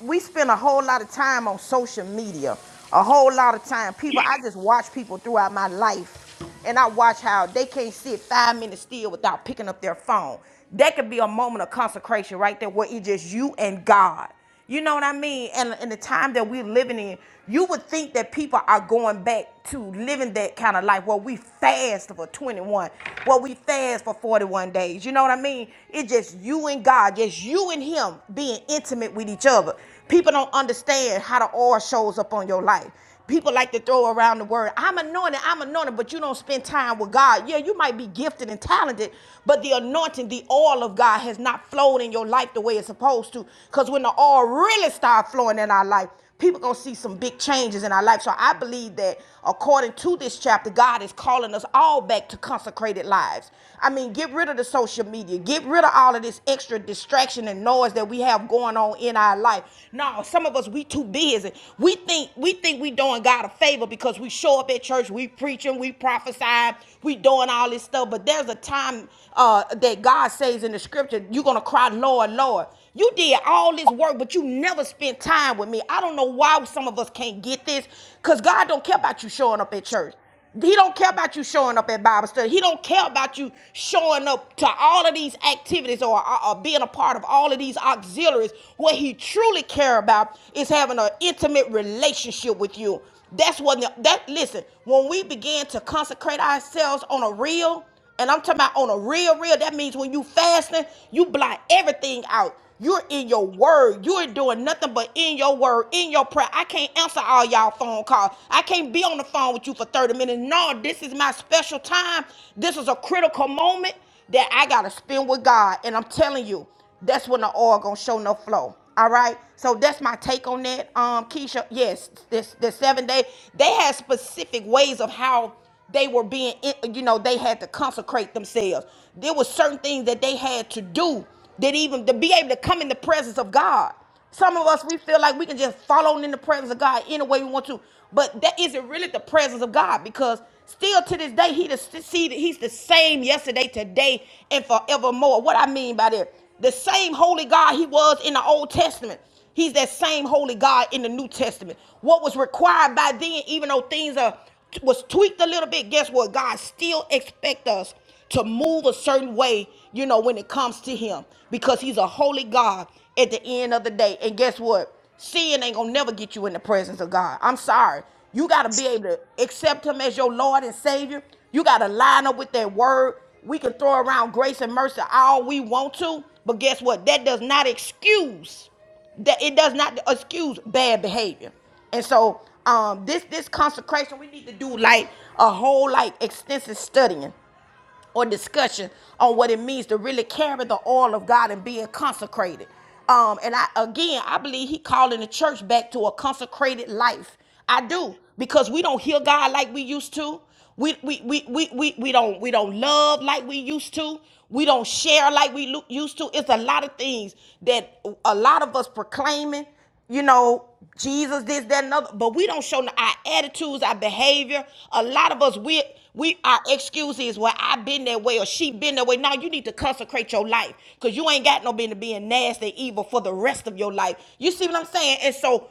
Speaker 1: we spend a whole lot of time on social media, a whole lot of time. People, I just watch people throughout my life, and I watch how they can't sit five minutes still without picking up their phone. That could be a moment of consecration right there, where it's just you and God. You know what I mean? And in the time that we're living in, you would think that people are going back to living that kind of life where we fast for 21, where we fast for 41 days. You know what I mean? It's just you you and God, yes, you and Him being intimate with each other. People don't understand how the oil shows up on your life. People like to throw around the word, I'm anointed, I'm anointed, but you don't spend time with God. Yeah, you might be gifted and talented, but the anointing, the oil of God has not flowed in your life the way it's supposed to. Because when the oil really starts flowing in our life, people gonna see some big changes in our life. So I believe that according to this chapter, God is calling us all back to consecrated lives. I mean, get rid of the social media, get rid of all of this extra distraction and noise that we have going on in our life. No, some of us we too busy. We think we think we doing God a favor because we show up at church, we preaching, we prophesying, we doing all this stuff. But there's a time uh, that God says in the scripture, you're gonna cry, Lord, Lord. You did all this work, but you never spent time with me. I don't know why some of us can't get this, because God don't care about you showing up at church. He don't care about you showing up at Bible study. He don't care about you showing up to all of these activities or, or- or being a part of all of these auxiliaries. What he truly care about is having an intimate relationship with you. That's what that listen, when we begin to consecrate ourselves on a real and I'm talking about on a real, real. That means when you fasting, you blot everything out. You're in your word. You're doing nothing but in your word, in your prayer. I can't answer all y'all phone calls. I can't be on the phone with you for 30 minutes. No, this is my special time. This is a critical moment that I gotta spend with God. And I'm telling you, that's when the oil gonna show no flow. All right. So that's my take on that. Um, Keisha, yes, this the seven day. They had specific ways of how they were being in- you know they had to consecrate themselves there were certain things that they had to do that even to be able to come in the presence of god some of us we feel like we can just fall on in the presence of god any way we want to but that isn't really the presence of god because still to this day he the, see, he's the same yesterday today and forevermore what i mean by that the same holy god he was in the old testament He's that same holy God in the New Testament. What was required by then, even though things are was tweaked a little bit, guess what? God still expects us to move a certain way, you know, when it comes to him because he's a holy God at the end of the day. And guess what? Sin ain't gonna never get you in the presence of God. I'm sorry. You gotta be able to accept him as your Lord and Savior. You gotta line up with that word. We can throw around grace and mercy all we want to, but guess what? That does not excuse that it does not excuse bad behavior. And so um this this consecration we need to do like a whole like extensive studying or discussion on what it means to really carry the oil of God and being consecrated. Um, and I again, I believe He calling the church back to a consecrated life. I do because we don't hear God like we used to. We we we we we, we don't we don't love like we used to. We don't share like we lo- used to. It's a lot of things that a lot of us proclaiming you know, Jesus, this, that, and other. But we don't show no- our attitudes, our behavior. A lot of us, we we our excuse is, well, I been that way or she been that way. Now you need to consecrate your life because you ain't got no business being nasty, evil for the rest of your life. You see what I'm saying? And so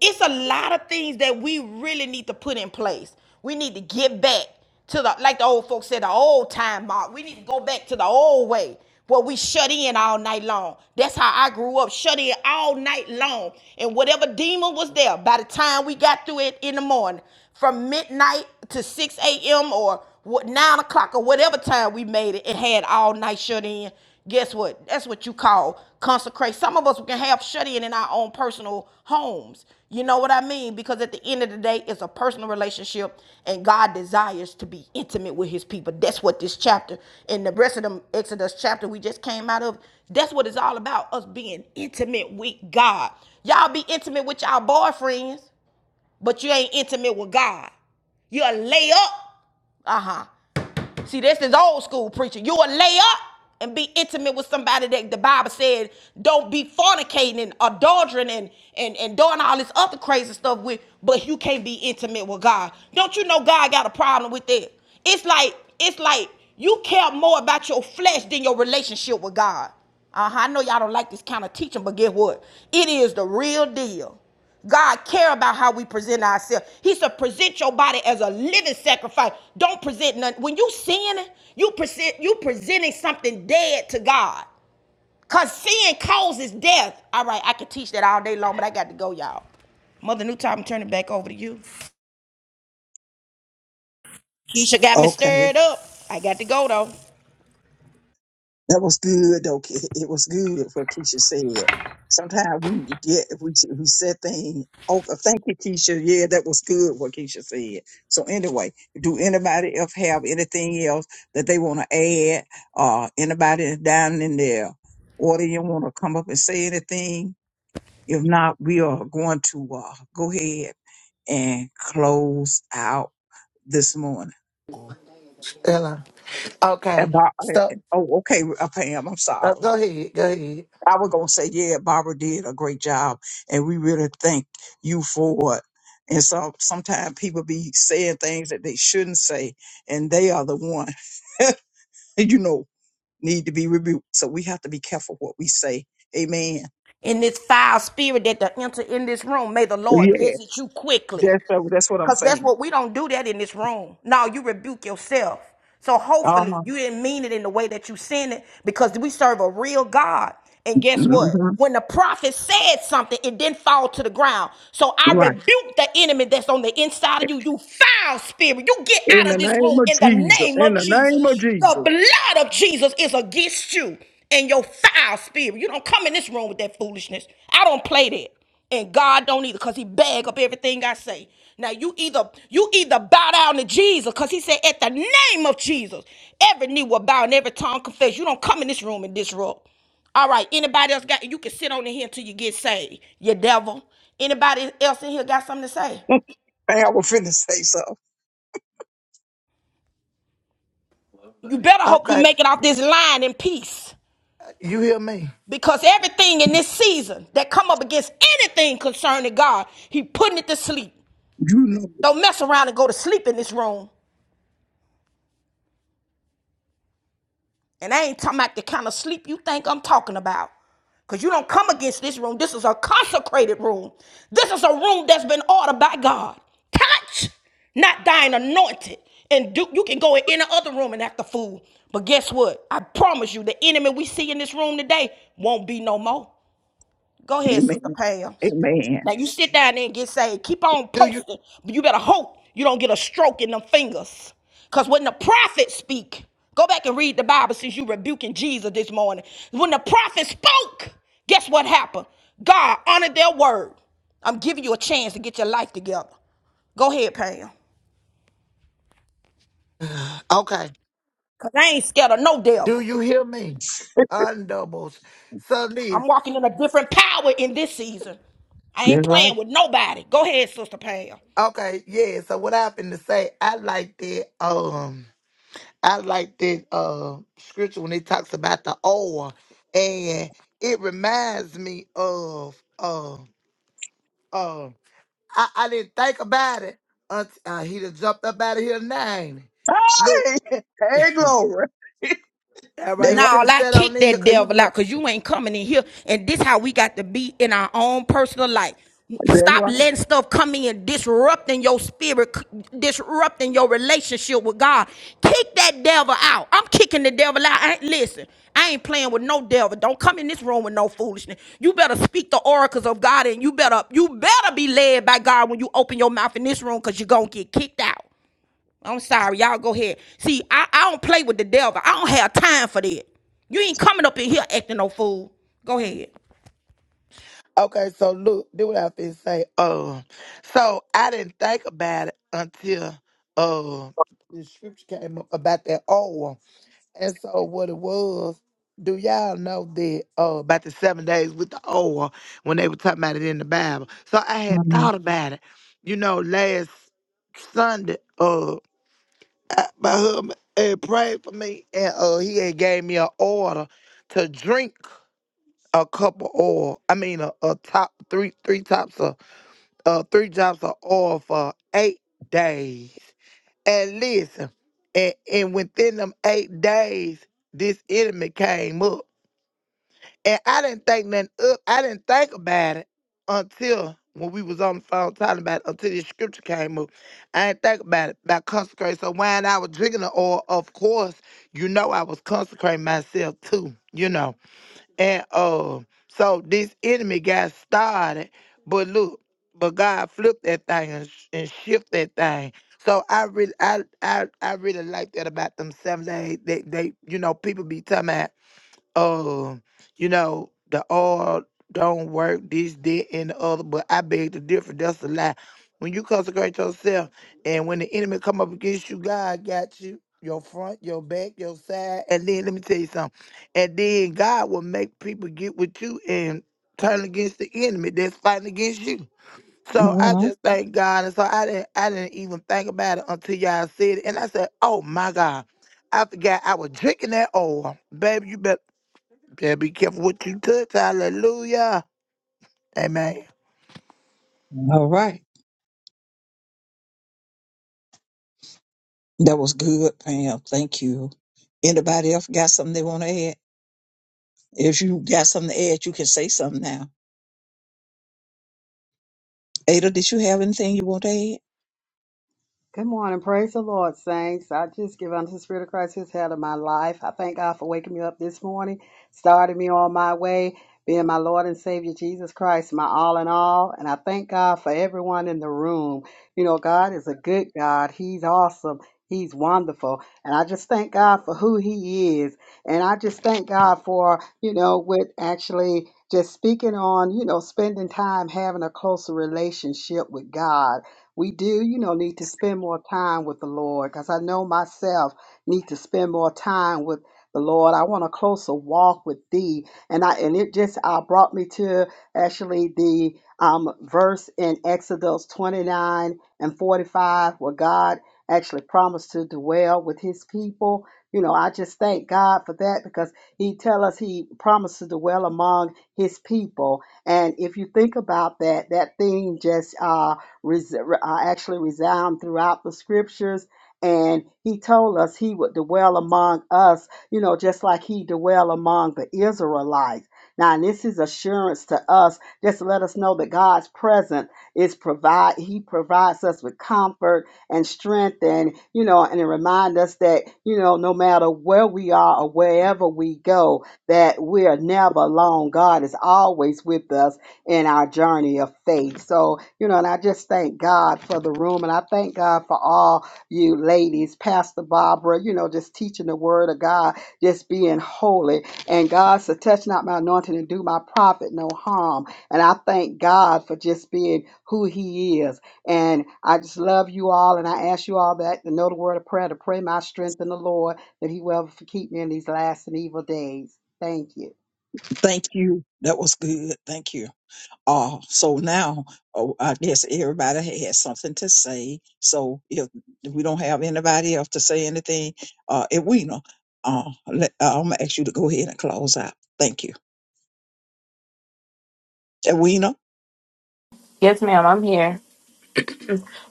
Speaker 1: it's a lot of things that we really need to put in place. We need to get back to the like the old folks said, the old time mark. We need to go back to the old way where we shut in all night long. That's how I grew up, shut in all night long. And whatever demon was there, by the time we got through it in the morning, from midnight to 6 a.m. or what nine o'clock or whatever time we made it it had all night shut in. Guess what? That's what you call consecrate. Some of us can have shut in in our own personal homes. You know what I mean? Because at the end of the day, it's a personal relationship, and God desires to be intimate with His people. That's what this chapter and the rest of the Exodus chapter we just came out of. That's what it's all about: us being intimate with God. Y'all be intimate with y'all boyfriends, but you ain't intimate with God. You'll lay up. Uh huh. See, this is old school preaching. You will lay up and be intimate with somebody that the Bible said don't be fornicating and adultering and, and, and doing all this other crazy stuff with, but you can't be intimate with God. Don't you know God got a problem with that? It's like, it's like you care more about your flesh than your relationship with God. Uh-huh. I know y'all don't like this kind of teaching, but guess what? It is the real deal. God care about how we present ourselves. He said, present your body as a living sacrifice. Don't present none. When you sinning, you present you presenting something dead to God. Cause sin causes death. All right, I could teach that all day long, but I got to go, y'all. Mother New Time, turn it back over to you. Keisha got me
Speaker 3: Okay.
Speaker 1: stirred up. I got to go though.
Speaker 3: That was good, though. Ke- [laughs] It was good what Keisha said. Sometimes we get we we said things. Oh, uh, thank you, Keisha. Yeah, that was good what Keisha said. So anyway, do anybody else have anything else that they want to add? Uh, anybody down in there, or do you want to come up and say anything? If not, we are going to uh, go ahead and close out this morning.
Speaker 8: Hello. Okay.
Speaker 3: About,
Speaker 8: Stop.
Speaker 3: uh, oh, okay, uh, Pam. I'm
Speaker 8: Uh,
Speaker 3: sorry.
Speaker 8: go ahead. Go ahead.
Speaker 3: I was gonna say, yeah, Barbara did a great job, and we really thank you for it. And so sometimes people be saying things that they shouldn't say, and they are the one, [laughs] you know, need to be rebuked. So we have to be careful what we say. Amen.
Speaker 1: In this foul spirit that to enter in this room, may the
Speaker 3: Yeah,
Speaker 1: Lord visit you quickly.
Speaker 3: that's that's what I'm
Speaker 1: Cause that's
Speaker 3: saying.
Speaker 1: what we don't do that in this room. No, you rebuke yourself. So
Speaker 3: Uh
Speaker 1: hopefully
Speaker 3: huh.
Speaker 1: you didn't mean it in the way that you sent it because we serve a real God. And guess what?
Speaker 3: hmm
Speaker 1: When the prophet said something, it didn't fall to the ground. So I
Speaker 3: Right.
Speaker 1: rebuke the enemy that's on the inside of you. You foul spirit. You get
Speaker 3: In
Speaker 1: out
Speaker 3: the
Speaker 1: of this
Speaker 3: name
Speaker 1: room
Speaker 3: of
Speaker 1: in the
Speaker 3: Jesus.
Speaker 1: name
Speaker 3: In
Speaker 1: of
Speaker 3: the name of
Speaker 1: Jesus. The
Speaker 3: Jesus.
Speaker 1: blood of Jesus is against you and your foul spirit. You don't come in this room with that foolishness. I don't play that and God don't either because he bag up everything I say. Now you either you either bow down to Jesus because he said at the name of Jesus, every knee will bow and every tongue confess. You don't come in this room and disrupt. All right, anybody else got you can sit on in here until you get saved, you devil. Anybody else in here got something to say?
Speaker 3: [laughs] I was finna say so.
Speaker 1: You better hope you
Speaker 8: Okay.
Speaker 1: make it off this line in peace.
Speaker 8: You hear me?
Speaker 1: Because everything in this season that come up against anything concerning God, he putting it to sleep.
Speaker 3: You know.
Speaker 1: Don't mess around and go to sleep in this room. And I ain't talking about the kind of sleep you think I'm talking about. Because you don't come against this room. This is a consecrated room. This is a room that's been ordered by God. Touch, not thine anointed. And do, you can go in any other room and act a fool. But guess what? I promise you, the enemy we see in this room today won't be no more. Go ahead, Sister
Speaker 3: Amen.
Speaker 1: Pam.
Speaker 3: Amen.
Speaker 1: Now you sit down there and get saved. Keep on
Speaker 8: Do you?
Speaker 1: posting, but you better hope you don't get a stroke in them fingers. Cause when the prophets speak, go back and read the Bible since you rebuking Jesus this morning. When the prophets spoke, guess what happened? God honored their word. I'm giving you a chance to get your life together. Go ahead, Pam.
Speaker 8: [sighs] Okay.
Speaker 1: Cause I ain't scared of no
Speaker 8: Do
Speaker 1: devil.
Speaker 8: you hear me? Undoubles. So this.
Speaker 1: I'm walking in a different power in this season. I ain't
Speaker 3: That's right.
Speaker 1: playing with nobody. Go ahead, Sister Pam.
Speaker 8: Okay. Yeah. So what I happened to say? I like that. Um. I like that. Uh. Scripture when it talks about the oil, and it reminds me of. Uh. Uh. I, I didn't think about it until uh, he done jumped up out of here nine.
Speaker 3: Hey, hey glory.
Speaker 8: All
Speaker 3: That's
Speaker 8: right, he should
Speaker 1: No,
Speaker 3: right.
Speaker 8: have
Speaker 1: I
Speaker 8: sat
Speaker 1: kick
Speaker 8: on in here
Speaker 1: that
Speaker 8: because he was
Speaker 1: devil
Speaker 8: going
Speaker 1: out because you ain't coming in here. And this how we got to be in our own personal life.
Speaker 3: That's
Speaker 1: Stop
Speaker 3: right.
Speaker 1: letting stuff come in, disrupting your spirit, disrupting your relationship with God. Kick that devil out. I'm kicking the devil out. I ain't, listen, I ain't playing with no devil. Don't come in this room with no foolishness. You better speak the oracles of God, and you better you better be led by God when you open your mouth in this room, cause you're gonna get kicked out. I'm sorry, y'all go ahead. See, I, I don't play with the devil. I don't have time for that. You ain't coming up in here acting no fool. Go ahead.
Speaker 8: Okay, so look, do what I been say. Um, so I didn't think about it until uh the scripture came up about that oil. And so what it was, do y'all know that uh about the seven days with the oil when they were talking about it in the Bible? So I had
Speaker 3: hmm
Speaker 8: thought about it, you know, last Sunday. uh, I, my husband had prayed for me, and uh, he had gave me an order to drink a cup of oil. I mean, a, a top three, three tops of, uh, three drops of oil for eight days. And listen, and, and within them eight days, this enemy came up. And I didn't think nothing up. I didn't think about it until when we was on the phone talking about it, until this scripture came up. I didn't think about it, about consecrate. So when I was drinking the oil, of course, you know I was consecrating myself too, you know. And uh, so this enemy got started, but look, but God flipped that thing and, sh- and shift that thing. So I really, I, I, I really like that about them seven days. They, they, you know, people be talking about uh, you know, the oil don't work, this, that, and the other, but I beg to differ. That's a lie. When you consecrate yourself and when the enemy come up against you, God got you, your front, your back, your side. And then let me tell you something. And then God will make people get with you and turn against the enemy that's fighting against you. So I just thank God. And so I didn't I didn't even think about it until y'all said it. And I said, Oh my God. I forgot I was drinking that oil. Baby, you better. Yeah, be careful what you touch. Hallelujah. Amen.
Speaker 3: All right. That was good, Pam. Thank you. Anybody else got something they want to add? If you got something to add, you can say something now. Ada, did you have anything you want to add?
Speaker 9: Good morning. Praise the Lord, saints. I just give unto the Spirit of Christ his head of my life. I thank God for waking me up this morning, starting me on my way, being my Lord and Savior Jesus Christ, my all in all. And I thank God for everyone in the room. You know, God is a good God. He's awesome. He's wonderful. And I just thank God for who he is. And I just thank God for, you know, with actually just speaking on, you know, spending time having a closer relationship with God we do, you know, need to spend more time with the Lord because I know myself need to spend more time with the Lord. I want a closer walk with thee. And I and it just uh, brought me to actually the um, verse in Exodus 29 and 45 where God actually promised to dwell with his people. You know, I just thank God for that because he tell us he promised to dwell among his people. And if you think about that, that thing just uh res- uh, actually resound throughout the scriptures. And he told us he would dwell among us, you know, just like he dwell among the Israelites. Now, and this is assurance to us, just to let us know that God's presence is provide. He provides us with comfort and strength, and you know, and it remind us that you know, no matter where we are or wherever we go, that we are never alone. God is always with us in our journey of faith. So, you know, and I just thank God for the room and I thank God for all you ladies, Pastor Barbara, you know, just teaching the word of God, just being holy. And God said, touch not my anointing and do my prophet no harm. And I thank God for just being who he is. And I just love you all. And I ask you all that to know the word of prayer, to pray my strength in the Lord, that he will keep me in these last and evil days. Thank you.
Speaker 3: Thank you. That was good. Thank you. Uh, so now, oh, I guess everybody had something to say. So if we don't have anybody else to say anything, uh, Edwina, uh, let, uh, I'm gonna ask you to go ahead and close out. Thank you, Edwina.
Speaker 2: Yes, ma'am, I'm here.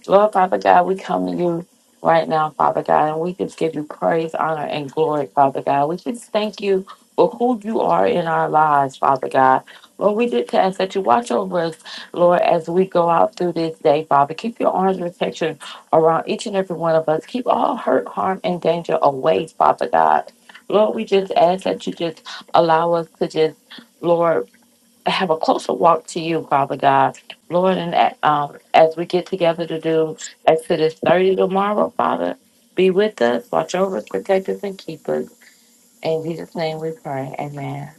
Speaker 2: Lord Father God, we come to you right now, Father God, and we just give you praise, honor, and glory, Father God. We just thank you for who you are in our lives, Father God. Lord, we did ask that you watch over us, Lord, as we go out through this day, Father. Keep your arms of protection around each and every one of us. Keep all hurt, harm, and danger away, Father God. Lord, we just ask that you just allow us to just, Lord, have a closer walk to you, Father God. Lord, and uh, um, as we get together to do Exodus 30 tomorrow, Father, be with us, watch over us, protect us, and keep us. In Jesus' name we pray. Amen.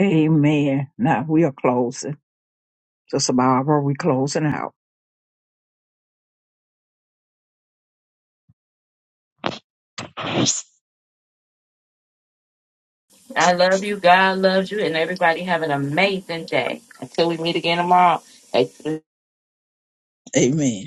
Speaker 3: Amen. Now we are closing. Sister Barbara, we closing out.
Speaker 2: I love you. God loves you. And everybody have an amazing day. Until we meet again tomorrow.
Speaker 3: Amen.